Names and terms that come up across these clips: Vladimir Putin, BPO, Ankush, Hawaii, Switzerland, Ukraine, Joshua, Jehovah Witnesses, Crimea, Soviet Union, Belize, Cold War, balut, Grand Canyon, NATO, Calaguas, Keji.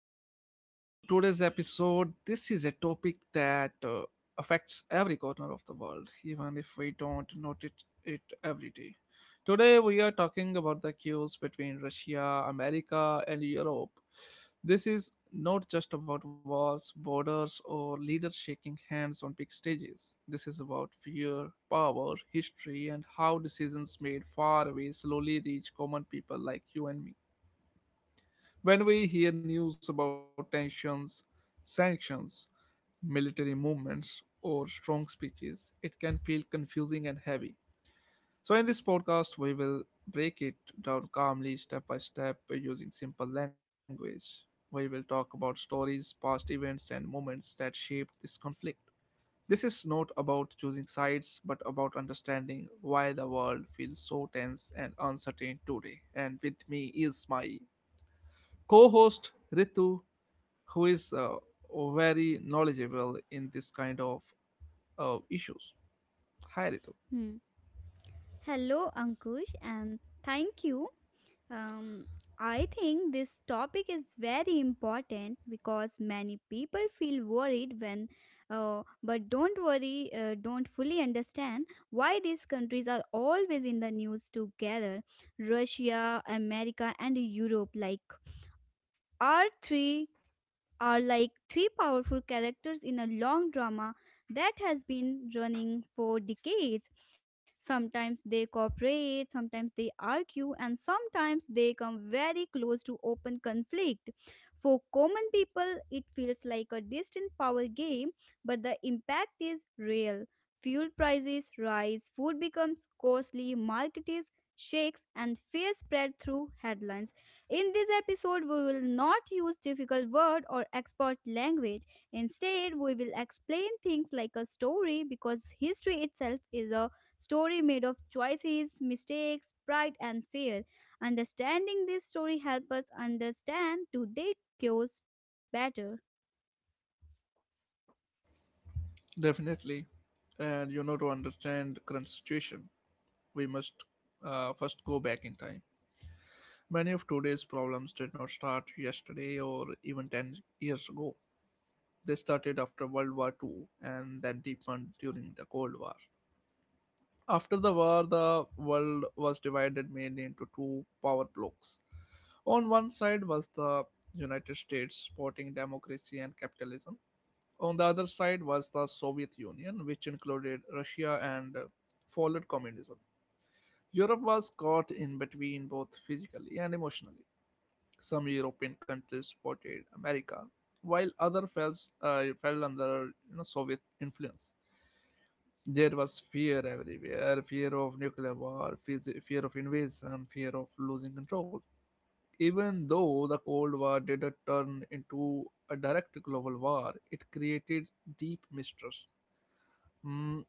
Welcome everyone to today's episode. This is a topic that affects every corner of the world, even if we don't notice it every day. Today we are talking about the cues between Russia, America, and Europe. This is not just about wars, borders, or leaders shaking hands on big stages. This is about fear, power, history, and how decisions made far away slowly reach common people like you and me. When we hear news about tensions, sanctions, military movements, or strong speeches, it can feel confusing and heavy. So, in this podcast, we will break it down calmly, step by step, using simple language. We will talk about stories, past events, and moments that shaped this conflict. This is not about choosing sides, but about understanding why the world feels so tense and uncertain today. And with me is my co host Ritu who is very knowledgeable in this kind of issues. Hi, Ritu. Hmm. Hello, Ankush, and thank you. Um, I think this topic is very important because many people feel worried when, but don't worry, don't fully understand why these countries are always in the news together. Russia, America, and Europe, like, are three are like three powerful characters in a long drama that has been running for decades. Sometimes they cooperate, sometimes they argue, and sometimes they come very close to open conflict. For common people, it feels like a distant power game, but the impact is real. Fuel prices rise, food becomes costly, market is shakes, and fear spread through headlines. In this episode, we will not use difficult word or expert language. Instead, we will explain things like a story because history itself is a story made of choices, mistakes, pride, and fear. Understanding this story helps us understand today cures better. Definitely. And you know, to understand current situation, we must first go back in time. Many of today's problems did not start yesterday or even 10 years ago. They started after World War Two and then deepened during the Cold War. After the war, the world was divided mainly into two power blocks. On one side was the United States supporting democracy and capitalism. On the other side was the Soviet Union, which included Russia and followed communism. Europe was caught in between both physically and emotionally. Some European countries supported America, while others fell under, you know, Soviet influence. There was fear everywhere, fear of nuclear war, fear of invasion, fear of losing control. Even though the Cold War didn't turn into a direct global war, it created deep mistrust. Mm,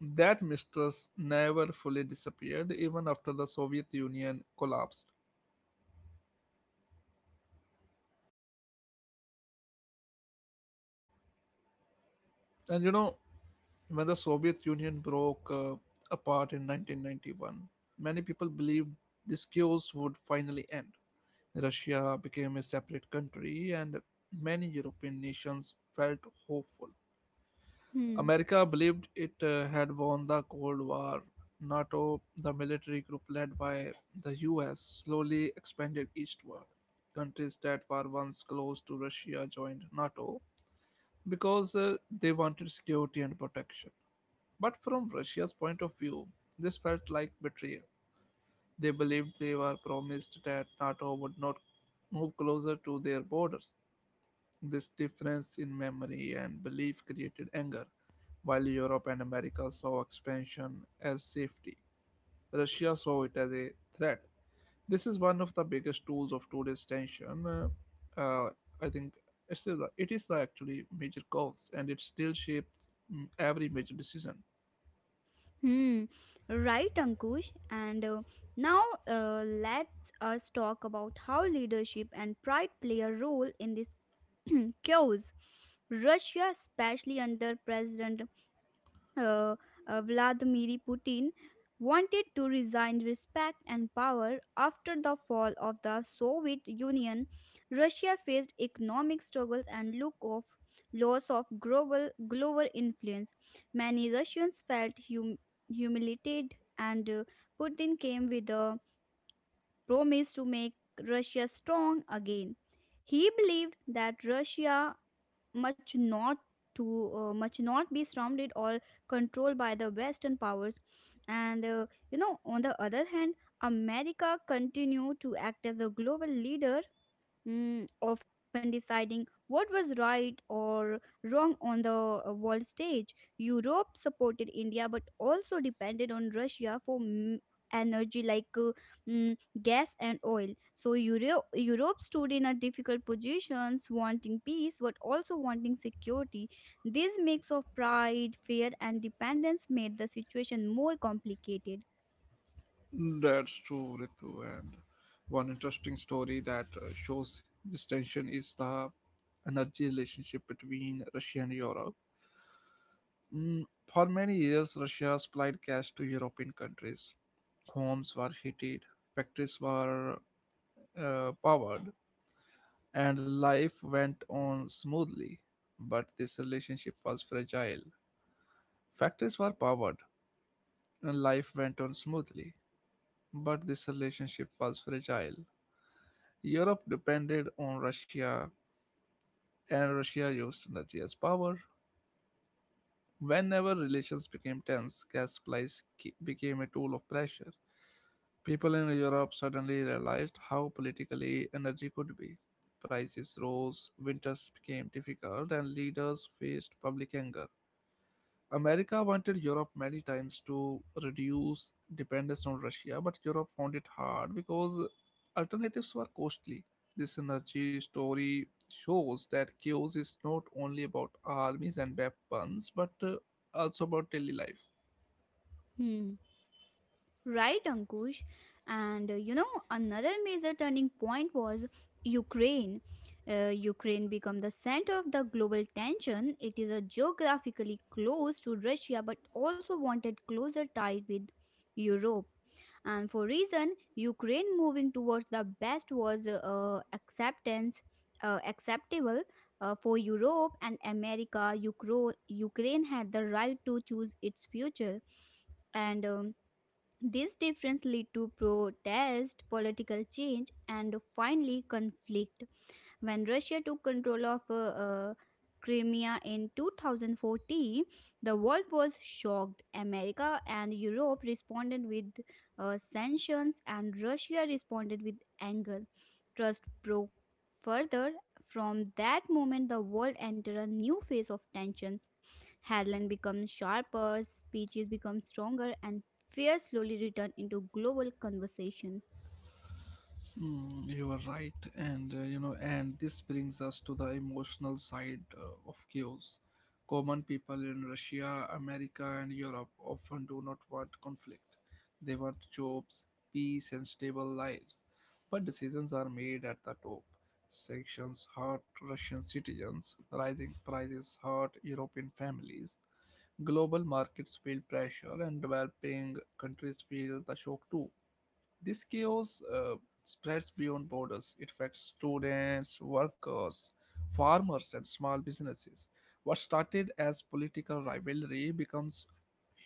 that mistrust never fully disappeared, even after the Soviet Union collapsed. And you know, when the Soviet Union broke apart in 1991, many people believed this chaos would finally end. Russia became a separate country, and many European nations felt hopeful. Hmm. America believed it had won the Cold War. NATO, the military group led by the US, slowly expanded eastward. Countries that were once close to Russia joined NATO because they wanted security and protection. But from Russia's point of view, this felt like betrayal. They believed they were promised that NATO would not move closer to their borders. This difference in memory and belief created anger. While Europe and America saw expansion as safety, Russia saw it as a threat. This is one of the biggest tools of today's tension. Uh, uh, I think it is the actually major cause, and it still shapes every major decision. Hmm. Right, Ankush. And Now let us talk about how leadership and pride play a role in this chaos. Russia, especially under President uh, Vladimir Putin, wanted to resign respect and power after the fall of the Soviet Union. Russia faced economic struggles and look of loss of global influence. Many Russians felt humiliated, and Putin came with a promised to make Russia strong again. He believed that Russia much not to much not be surrounded or controlled by the western powers, and you know, on the other hand, America continued to act as a global leader, often deciding what was right or wrong on the world stage. Europe supported India but also depended on Russia for energy, like mm, gas and oil. So Europe stood in a difficult positions, wanting peace but also wanting security. This mix of pride, fear and dependence made the situation more complicated. That's true, Ritu. And one interesting story that shows this tension is the energy relationship between Russia and Europe. Mm, For many years, Russia supplied gas to European countries. Homes were heated, factories were powered, and life went on smoothly. But this relationship was fragile. Factories were powered, and life went on smoothly. But this relationship was fragile. Europe depended on Russia, and Russia used energy as power. Whenever relations became tense, gas supplies became a tool of pressure. People in Europe suddenly realized how politically energy could be. Prices rose, winters became difficult, and leaders faced public anger. America wanted Europe many times to reduce dependence on Russia, but Europe found it hard because alternatives were costly. This energy story shows that chaos is not only about armies and weapons, but also about daily life. Hmm. Right, Ankush. And you know, another major turning point was Ukraine. Ukraine became the center of the global tension. It is a geographically close to Russia but also wanted closer tie with Europe. And for reason, Ukraine moving towards the best was acceptance acceptable for Europe and America. Ukraine had the right to choose its future, and this difference lead to protest, political change and finally conflict. When Russia took control of Crimea in 2014, the world was shocked. America and Europe responded with sanctions, and Russia responded with anger. Trust broke further. From that moment, the world entered a new phase of tension. Headlines become sharper, speeches become stronger, and fear slowly returned into global conversation. You are right, and you know, and this brings us to the emotional side of chaos. Common people in Russia, America, and Europe often do not want conflict. They want jobs, peace, and stable lives. But decisions are made at the top. Sanctions hurt Russian citizens. Rising prices hurt European families. Global markets feel pressure, and developing countries feel the shock too. This chaos spreads beyond borders. It affects students, workers, farmers, and small businesses. What started as political rivalry becomes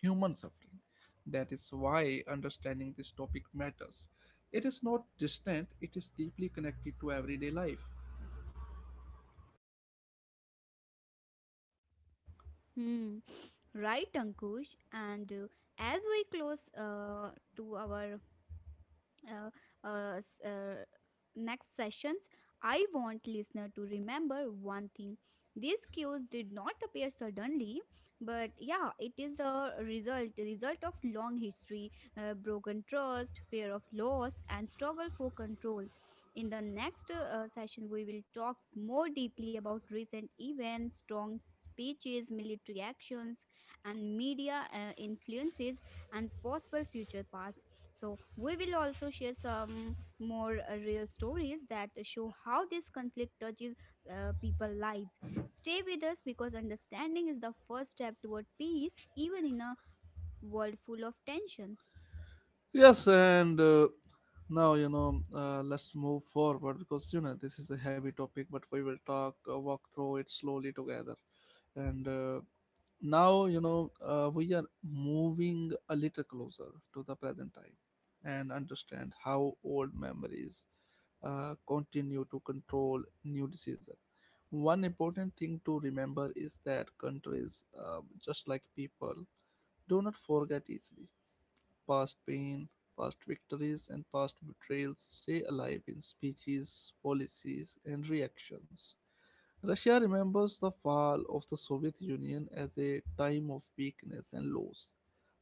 human suffering. That is why understanding this topic matters. It is not distant, it is deeply connected to everyday life. Hmm. Right, Ankush. And as we close to our uh, uh, s- uh, next sessions, I want listener to remember one thing. These cues did not appear suddenly, but yeah, it is the result of long history, broken trust, fear of loss, and struggle for control. In the next session, we will talk more deeply about recent events, strong speeches, military actions, and media influences and possible future paths. So, we will also share some more real stories that show how this conflict touches people lives. Stay with us, because understanding is the first step toward peace, even in a world full of tension. Yes, and now you know, let's move forward because you know this is a heavy topic, but we will talk walk through it slowly together. And now you know we are moving a little closer to the present time and understand how old memories continue to control new decisions. One important thing to remember is that countries, just like people, do not forget easily. Past pain, past victories, and past betrayals stay alive in speeches, policies, and reactions. Russia remembers the fall of the Soviet Union as a time of weakness and loss.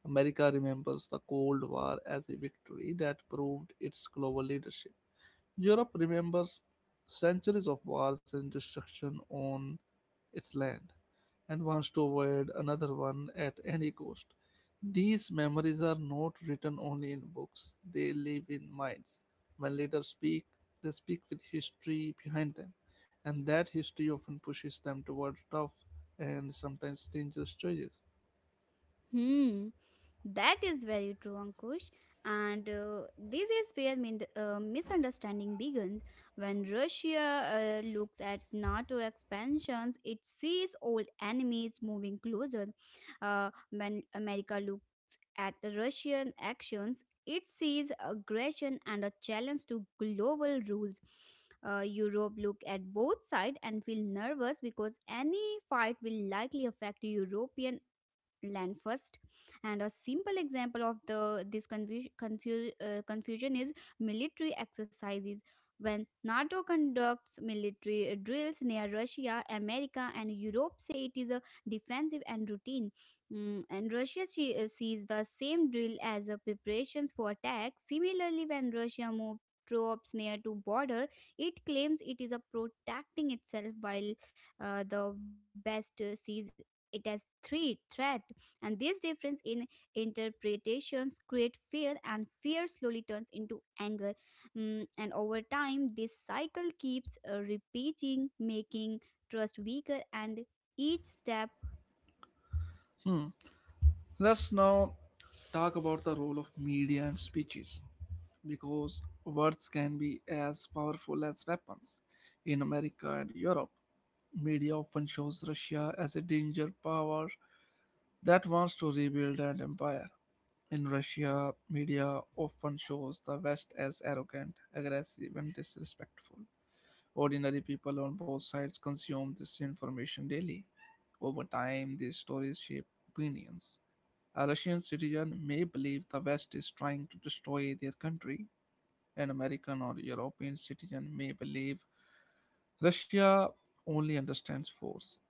America remembers the Cold War as a victory that proved its global leadership. Europe remembers centuries of wars and destruction on its land and wants to avoid another one at any cost. These memories are not written only in books, they live in minds. When leaders speak, they speak with history behind them, and that history often pushes them toward tough and sometimes dangerous choices. Hmm, that is very true, Ankush. And this is where misunderstanding begins. When Russia looks at NATO expansions, it sees old enemies moving closer. When America looks at the Russian actions, it sees aggression and a challenge to global rules. Europe look at both sides and feel nervous because any fight will likely affect European land first. And a simple example of the this confu- confu- confusion is military exercises. When NATO conducts military drills near Russia, America and Europe say it is a defensive and routine. And Russia sees the same drill as a preparations for attack. Similarly, when Russia moved troops near to border, it claims it is a protecting itself, while the west sees it as three threat, and this difference in interpretations create fear, and fear slowly turns into anger. And over time, this cycle keeps repeating, making trust weaker and each step. Let's now talk about the role of media and speeches because words can be as powerful as weapons. In America and Europe, media often shows Russia as a danger power that wants to rebuild an empire. In Russia, media often shows the West as arrogant, aggressive, and disrespectful. Ordinary people on both sides consume this information daily. Over time, these stories shape opinions. A Russian citizen may believe the West is trying to destroy their country. An American or European citizen may believe Russia only understands force.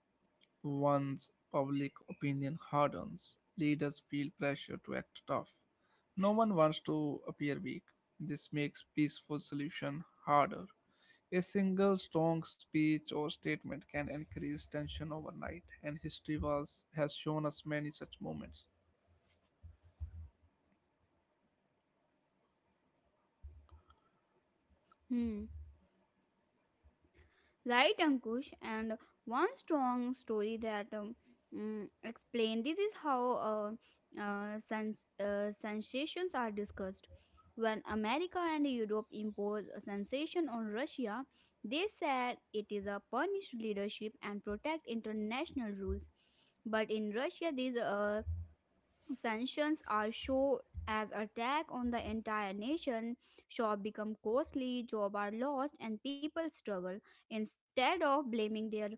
Once public opinion hardens, leaders feel pressure to act tough. No one wants to appear weak. This makes peaceful solution harder. A single strong speech or statement can increase tension overnight, and has shown us many such moments. Hmm, right, Ankush, and one strong story that explain this is how sensations are discussed. When America and Europe imposed a sensation on Russia, they said it is a punished leadership and protect international rules. But in Russia, these sanctions are shown as attack on the entire nation. Shops become costly, jobs are lost, and people struggle. Instead of blaming their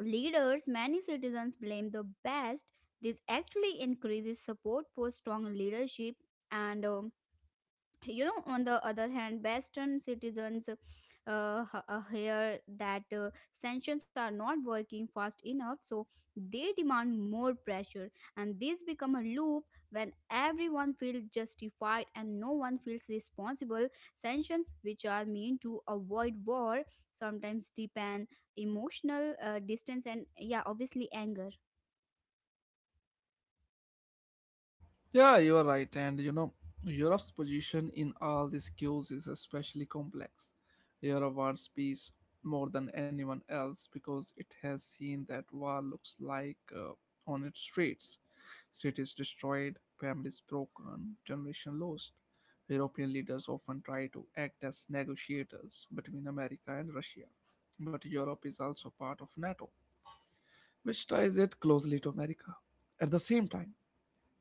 leaders, many citizens blame the best. This actually increases support for strong leadership, and you know, on the other hand, western citizens hear that sanctions are not working fast enough, so they demand more pressure, and this become a loop. When everyone feels justified and no one feels responsible, sanctions which are meant to avoid war sometimes depend emotional distance and, yeah, obviously anger. Yeah, you are right. And you know, Europe's position in all these queues is especially complex. Europe wants peace more than anyone else because it has seen that war looks like on its streets. Cities destroyed, families broken, generation lost. European leaders often try to act as negotiators between America and Russia. But Europe is also part of NATO, which ties it closely to America. At the same time,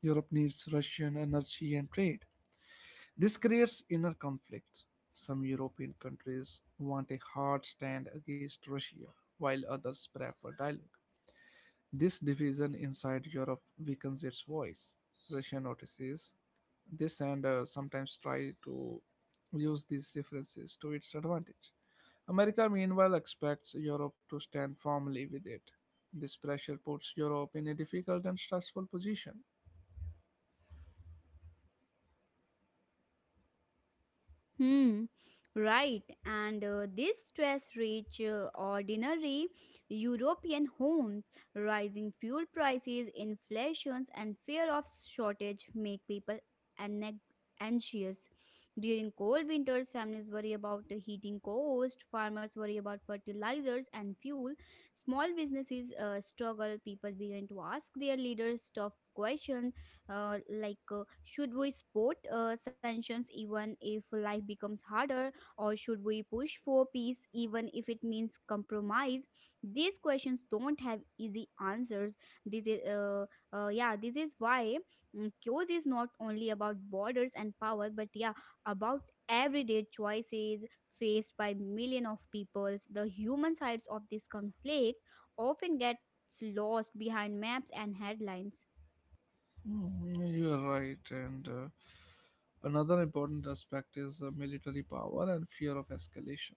Europe needs Russian energy and trade. This creates inner conflicts. Some European countries want a hard stand against Russia, while others prefer dialogue. This division inside Europe weakens its voice. Russia notices this and sometimes try to use these differences to its advantage. America, meanwhile, expects Europe to stand firmly with it. This pressure puts Europe in a difficult and stressful position. Hmm, right. And these stress rich, ordinary European homes, rising fuel prices, inflations, and fear of shortage make people anag- anxious. During cold winters, families worry about the heating cost, farmers worry about fertilizers and fuel, small businesses struggle, people begin to ask their leaders tough questions, like should we support sanctions even if life becomes harder, or should we push for peace even if it means compromise? These questions don't have easy answers. This is yeah, this is why, chaos is not only about borders and power but, yeah, about everyday choices faced by million of peoples. The human sides of this conflict often get lost behind maps and headlines. You are right, and another important aspect is military power and fear of escalation.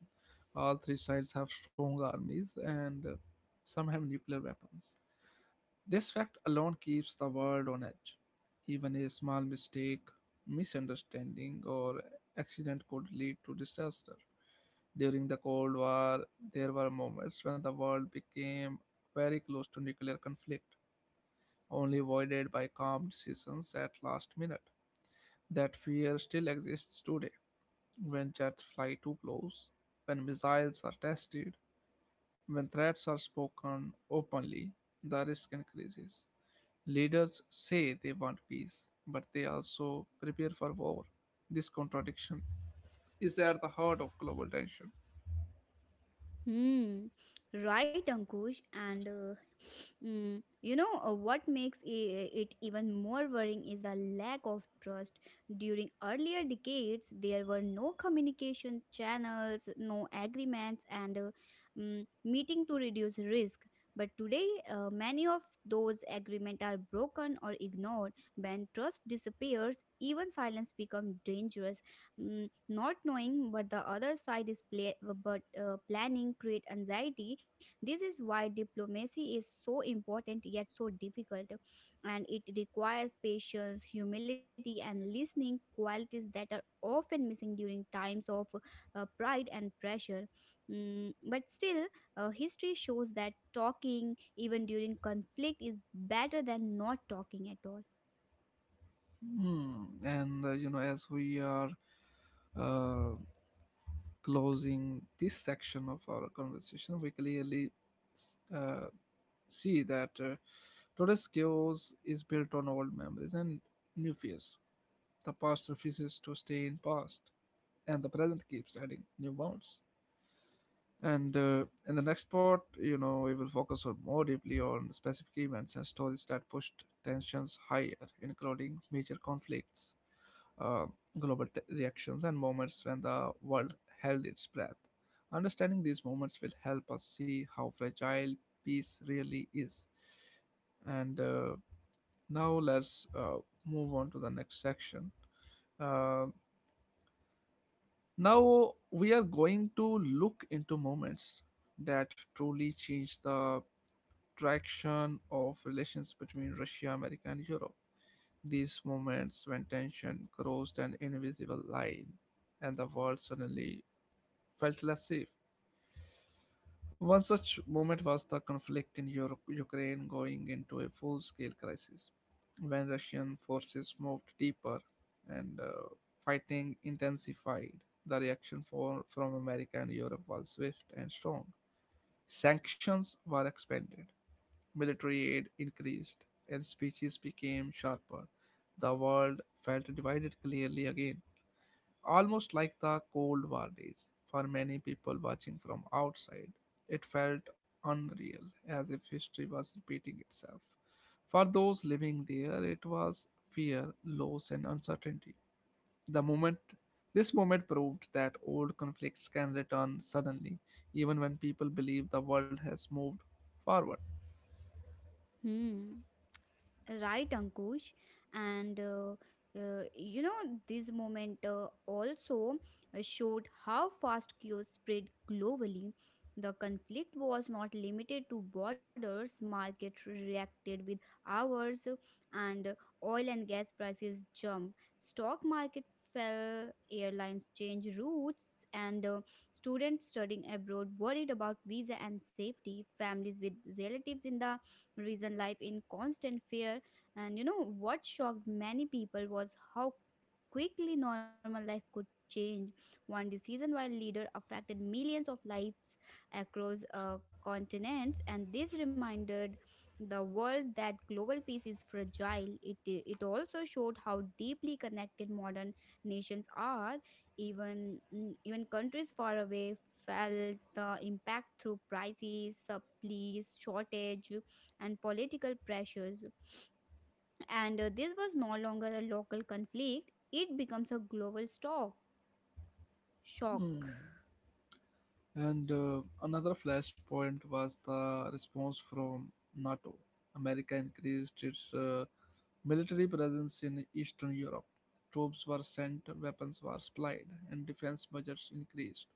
All three sides have strong armies, and some have nuclear weapons. This fact alone keeps the world on edge. Even a small mistake, misunderstanding, or accident could lead to disaster. During the Cold War, there were moments when the world became very close to nuclear conflict, only voided by calm decisions at last minute. That fear still exists today. When jets fly too close, when missiles are tested, when threats are spoken openly, the risk increases. Leaders say they want peace, but they also prepare for war. This contradiction is at the heart of global tension. Hmm. Right, Ankush. And you know, what makes it even more worrying is the lack of trust. During earlier decades, there were no communication channels, no agreements, and meeting to reduce risk. But today, many of those agreements are broken or ignored. When trust disappears, even silence becomes dangerous. Not knowing what the other side is play, but planning create anxiety. This is why diplomacy is so important yet so difficult, and it requires patience, humility and listening, qualities that are often missing during times of pride and pressure. But still, history shows that talking, even during conflict, is better than not talking at all. Hmm. And you know, as we are uh, closing this section of our conversation, we clearly uh, see that today's chaos is built on old memories and new fears. The past refuses to stay in past, and the present keeps adding new wounds. And in the next part, you know, we will focus on more deeply on specific events and stories that pushed tensions higher, including major conflicts, uh, reactions and moments when the world held its breath. Understanding these moments will help us see how fragile peace really is. And now let's move on to the next section. Uh, now we are going to look into moments that truly change the traction of relations between Russia, America, and Europe. These moments when tension crossed an invisible line and the world suddenly felt less safe. One such moment was the conflict in Europe, Ukraine going into a full scale crisis when Russian forces moved deeper and fighting intensified. The reaction from America and Europe was swift and strong. Sanctions were expanded, military aid increased, and speeches became sharper. The world felt divided clearly again, almost like the Cold War days. For many people watching from outside, it felt unreal, as if history was repeating itself. For those living there, it was fear, loss, and uncertainty. The moment this moment proved that old conflicts can return suddenly, even when people believe the world has moved forward. Hmm. Right, Ankush. And you know, this moment also showed how fast chaos spread globally. The conflict was not limited to borders, markets reacted with hours, and oil and gas prices jumped. Stock market fell, airlines changed routes, and students studying abroad worried about visa and safety. Families with relatives in the reason life in constant fear. And you know what shocked many people was how quickly normal life could change. One decision while leader affected millions of lives across continents, and this reminded the world that global peace is fragile. It also showed how deeply connected modern nations are. Even even countries far away felt the impact through prices, supplies, shortage, and political pressures. And this was no longer a local conflict, it becomes a global stock shock. And another flashpoint was the response from NATO. America increased its military presence in Eastern Europe. Troops were sent, weapons were supplied, and defense budgets increased.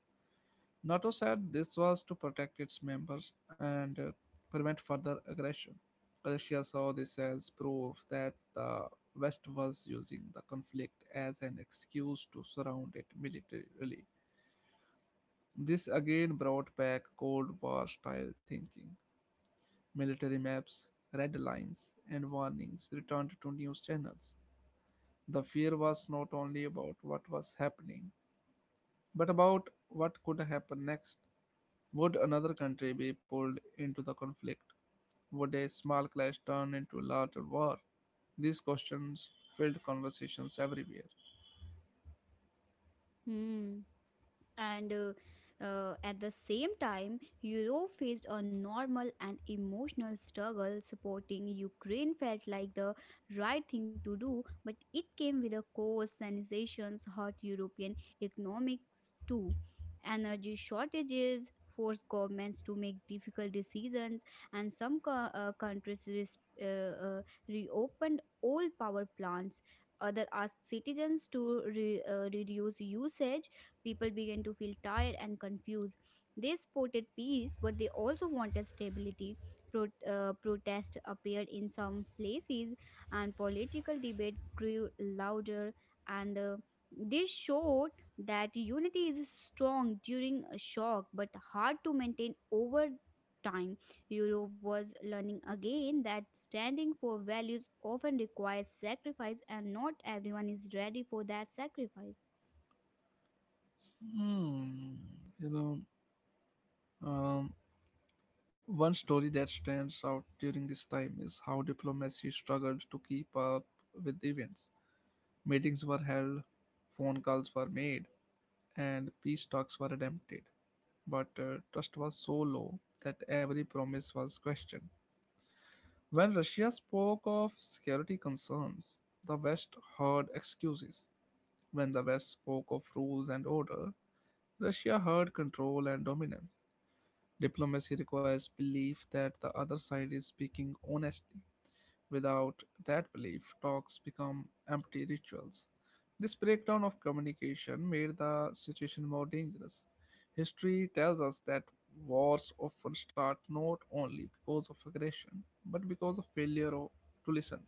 NATO said this was to protect its members and prevent further aggression. Russia saw this as proof that the West was using the conflict as an excuse to surround it militarily. This again brought back Cold War style thinking. Military maps, red lines, and warnings returned to news channels. The fear was not only about what was happening, but about what could happen next. Would another country be pulled into the conflict? Would a small clash turn into a larger war? These questions filled conversations everywhere. Hmm. and At the same time, Europe faced a normal and emotional struggle. Supporting Ukraine felt like the right thing to do, but it came with a cost. Sanctions hurt European economics too. Energy shortages forced governments to make difficult decisions, and some countries reopened old power plants. Others asked citizens to reduce usage. People began to feel tired and confused. They supported peace, but they also wanted stability. Protest appeared in some places, and political debate grew louder. And this showed that unity is strong during a shock, but hard to maintain over time. Europe was learning again that standing for values often requires sacrifice, and not everyone is ready for that sacrifice. Hmm, you know, um, One story that stands out during this time is how diplomacy struggled to keep up with events. Meetings were held, phone calls were made, and peace talks were attempted. But trust was so low that every promise was questioned. When Russia spoke of security concerns, the West heard excuses. When the West spoke of rules and order, Russia heard control and dominance. Diplomacy requires belief that the other side is speaking honestly. Without that belief, talks become empty rituals. This breakdown of communication made the situation more dangerous. History tells us that wars often start not only because of aggression, but because of to listen.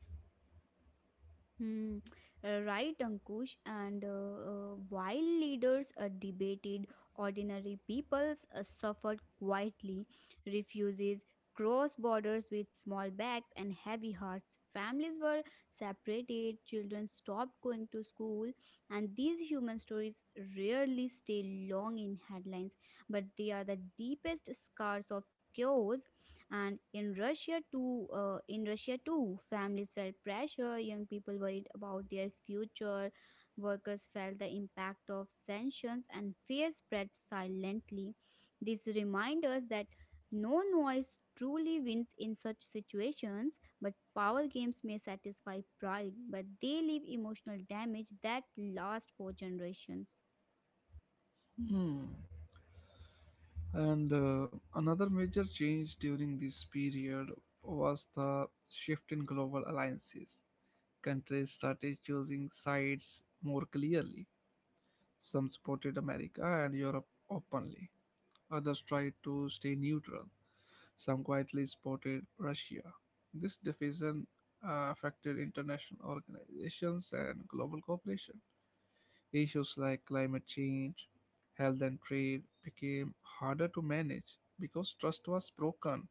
Hmm, right, Ankush. And while leaders debated, ordinary peoples suffered quietly. Refugees crossed borders with small bags and heavy hearts. Families were separated, children stopped going to school, and these human stories rarely stay long in headlines, but they are the deepest scars of chaos. And in Russia too, in Russia too, families felt pressure, young people worried about their future, workers felt the impact of sanctions, and fear spread silently. This reminds us that no noise truly wins in such situations, but power games may satisfy pride, but they leave emotional damage that lasts for generations. Hmm. And another major change during this period was the shift in global alliances. Countries started choosing sides more clearly. Some supported America and Europe openly, others tried to stay neutral, some quietly supported Russia. This division affected international organizations and global cooperation. Issues like climate change, health, and trade became harder to manage because trust was broken.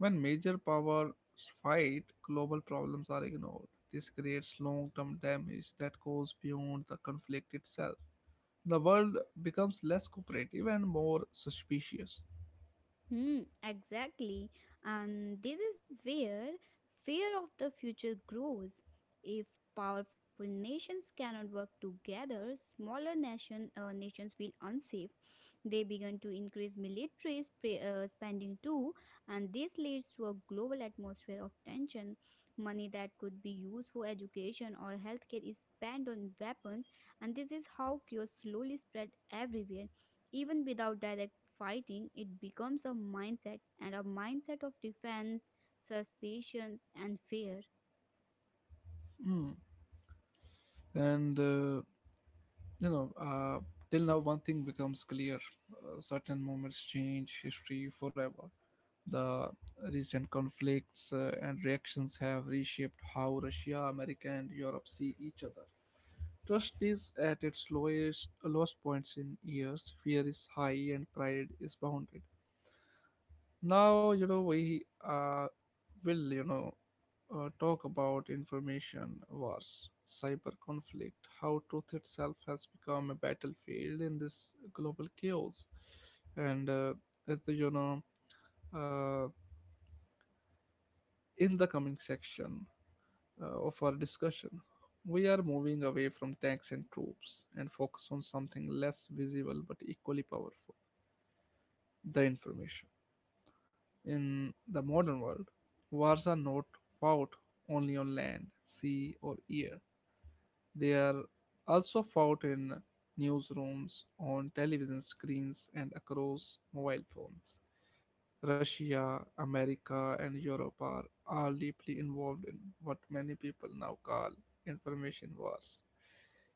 When major powers fight, global problems are ignored. This creates long term damage that goes beyond the conflict itself. The world becomes less cooperative and more suspicious. Hmm, exactly. And this is where fear of the future grows. If powerful nations cannot work together, nations feel unsafe. They begin to increase military spending too, and this leads to a global atmosphere of tension. Money that could be used for education or healthcare is spent on weapons, and this is how cures slowly spread everywhere. Even without direct fighting, it becomes a mindset, and a mindset of defense, suspicions, and fear. Mm. And, uh, you know, uh, till now, one thing becomes clear. Certain moments change history forever. The recent conflicts and reactions have reshaped how Russia, America, and Europe see each other. Trust is at its lowest points in years. Fear is high and pride is bounded. Now you know we uh, will you know uh, talk about information wars, cyber conflict, how truth itself has become a battlefield in this global chaos, and at the, you know uh, in the coming section of our discussion, we are moving away from tanks and troops and focus on something less visible but equally powerful: the information. In the modern world, wars are not fought only on land, sea, or air, they are also fought in newsrooms, on television screens, and across mobile phones. Russia, America, and Europe are all deeply involved in what many people now call information wars.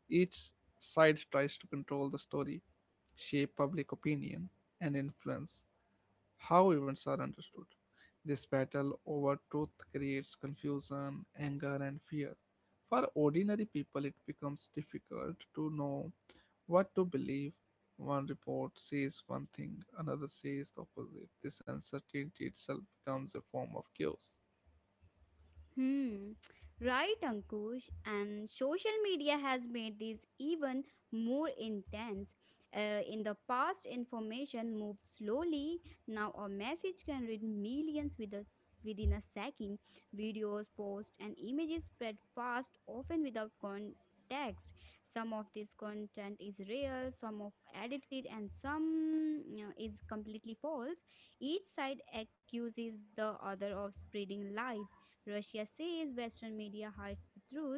Each side tries to control the story, shape public opinion, and influence how events are understood. This battle over truth creates confusion, anger, and fear. For ordinary people, it becomes difficult to know what to believe. One report says one thing, another says the opposite. This uncertainty itself becomes a form of chaos. Hmm, right, Ankush. And social media has made this even more intense. In the past, information moved slowly. Now, a message can reach millions within a second. Videos, posts, and images spread fast, often without context. Some of this content is real, some of edited, and some is completely false. Each side accuses the other of spreading lies. Russia says Western media hides the truth,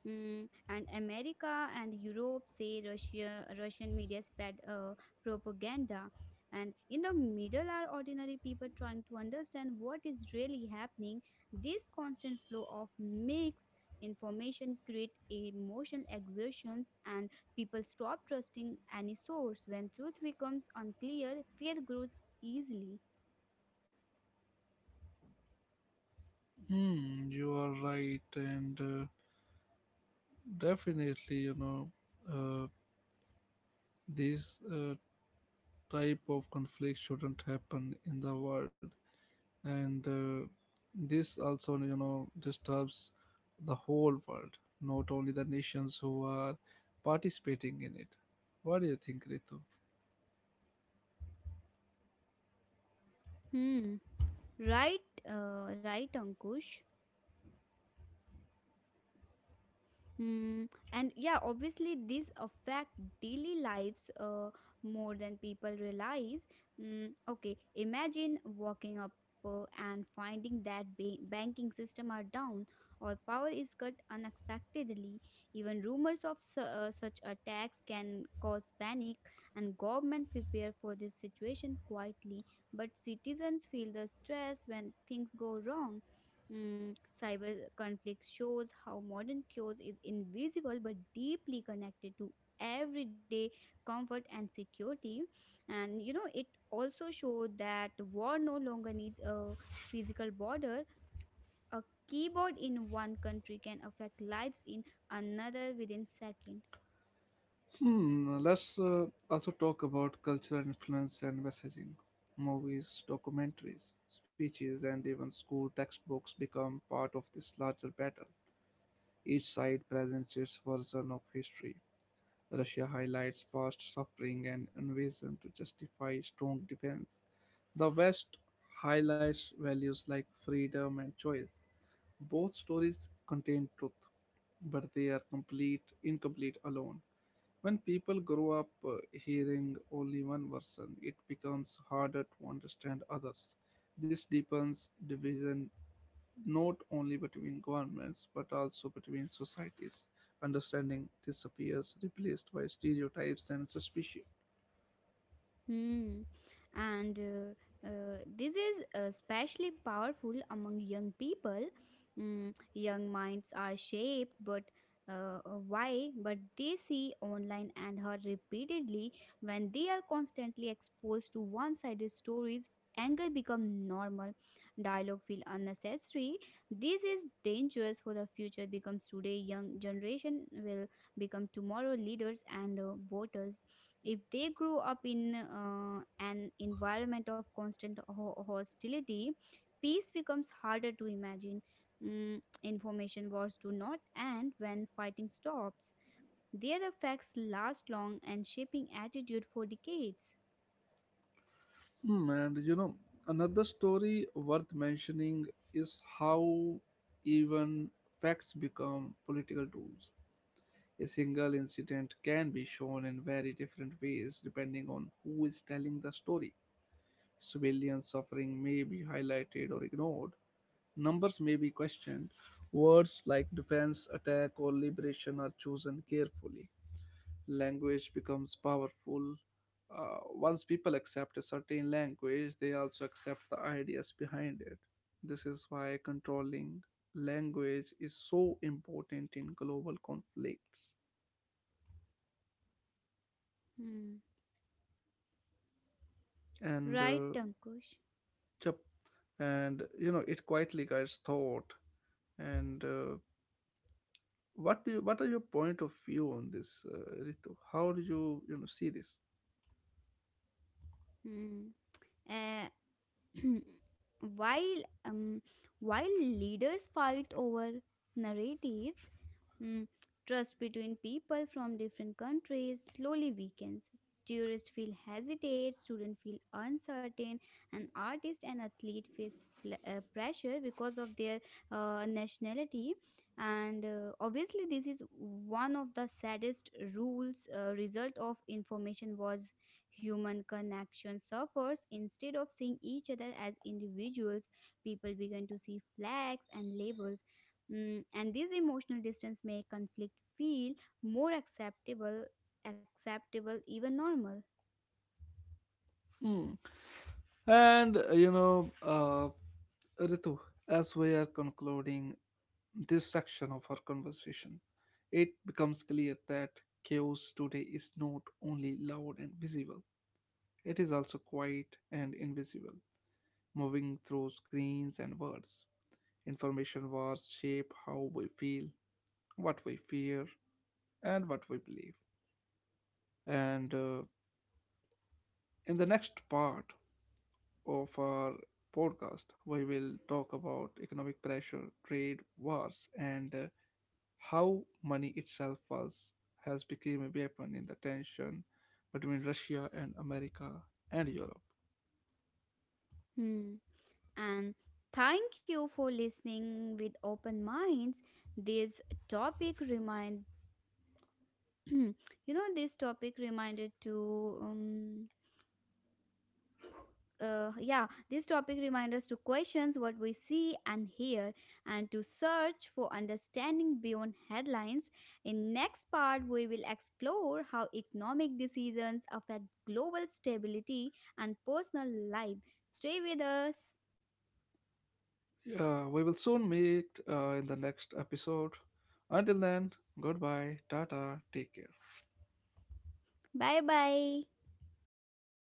and America and Europe say Russian media spread propaganda. And in the middle are ordinary people trying to understand what is really happening. This constant flow of mixed information create emotional exertions, and people stop trusting any source. When truth becomes unclear, fear grows easily. Hmm, you are right, and uh, definitely, you know, uh, this uh, type of conflict shouldn't happen in the world. And this also disturbs the whole world, not only the nations who are participating in it. What do you think, Ritu? Hmm, right, right, Ankush. Mm, and, yeah, obviously, these affect daily lives more than people realize. Okay, imagine walking up and finding that banking system are down, or power is cut unexpectedly. Even rumors of such attacks can cause panic, and government prepare for this situation quietly. But citizens feel the stress when things go wrong. Cyber conflict shows how modern cures is invisible but deeply connected to everyday comfort and security. And you know, it also showed that war no longer needs a physical border. A keyboard in one country can affect lives in another within second. Let's also talk about cultural influence and messaging. Movies, documentaries, speeches, and even school textbooks become part of this larger battle. Each side presents its version of history. Russia highlights past suffering and invasion to justify strong defense. The West highlights values like freedom and choice. Both stories contain truth, but they are complete incomplete alone. When people grow up hearing only one version, it becomes harder to understand others. This deepens division not only between governments but also between societies. Understanding disappears, replaced by stereotypes and suspicion. Hmm. And this is especially powerful among young people. Young minds are shaped, but why? But they see online and heard repeatedly. When they are constantly exposed to one-sided stories, anger become normal. Dialogue feel unnecessary. This is dangerous for the future. Becomes today, young generation will become tomorrow leaders and voters. If they grew up in an environment of constant hostility, peace becomes harder to imagine. Information wars do not end when fighting stops, their effects last long and shaping attitude for decades. Hmm, and, another story worth mentioning is how even facts become political tools. A single incident can be shown in very different ways depending on who is telling the story. Civilian suffering may be highlighted or ignored. Numbers may be questioned. Words like defense, attack, or liberation are chosen carefully. Language becomes powerful. Once people accept a certain language, they also accept the ideas behind it. This is why controlling language is so important in global conflicts. Hmm. And Right, uh, Tankush. chap- and it quietly guides thought. And what are your point of view on this, Ritu? How do you you know see this? Hmm. Uh, while while leaders fight over narratives, mm, trust between people from different countries slowly weakens. Tourists feel hesitate, students feel uncertain, and artists and athletes face pressure because of their nationality. And obviously, this is one of the saddest rules. Result of information was. Human connection suffers. Instead of seeing each other as individuals, people begin to see flags and labels. And this emotional distance make conflict feel more acceptable, even normal. Hmm. And uh, you know, uh, Ritu, as we are concluding this section of our conversation, it becomes clear that chaos today is not only loud and visible; it is also quiet and invisible, moving through screens and words. Information wars shape how we feel, what we fear, and what we believe. And In the next part of our podcast, we will talk about economic pressure, trade wars, and how money itself was has become a weapon in the tension between Russia and America and Europe. Hmm. And thank you for listening with open minds. This topic remind you know this topic reminded to yeah, This topic reminds us to question what we see and hear and to search for understanding beyond headlines. In next part, we will explore how economic decisions affect global stability and personal life. Stay with us. We will soon meet in the next episode. Until then, goodbye, tata, take care. Bye bye.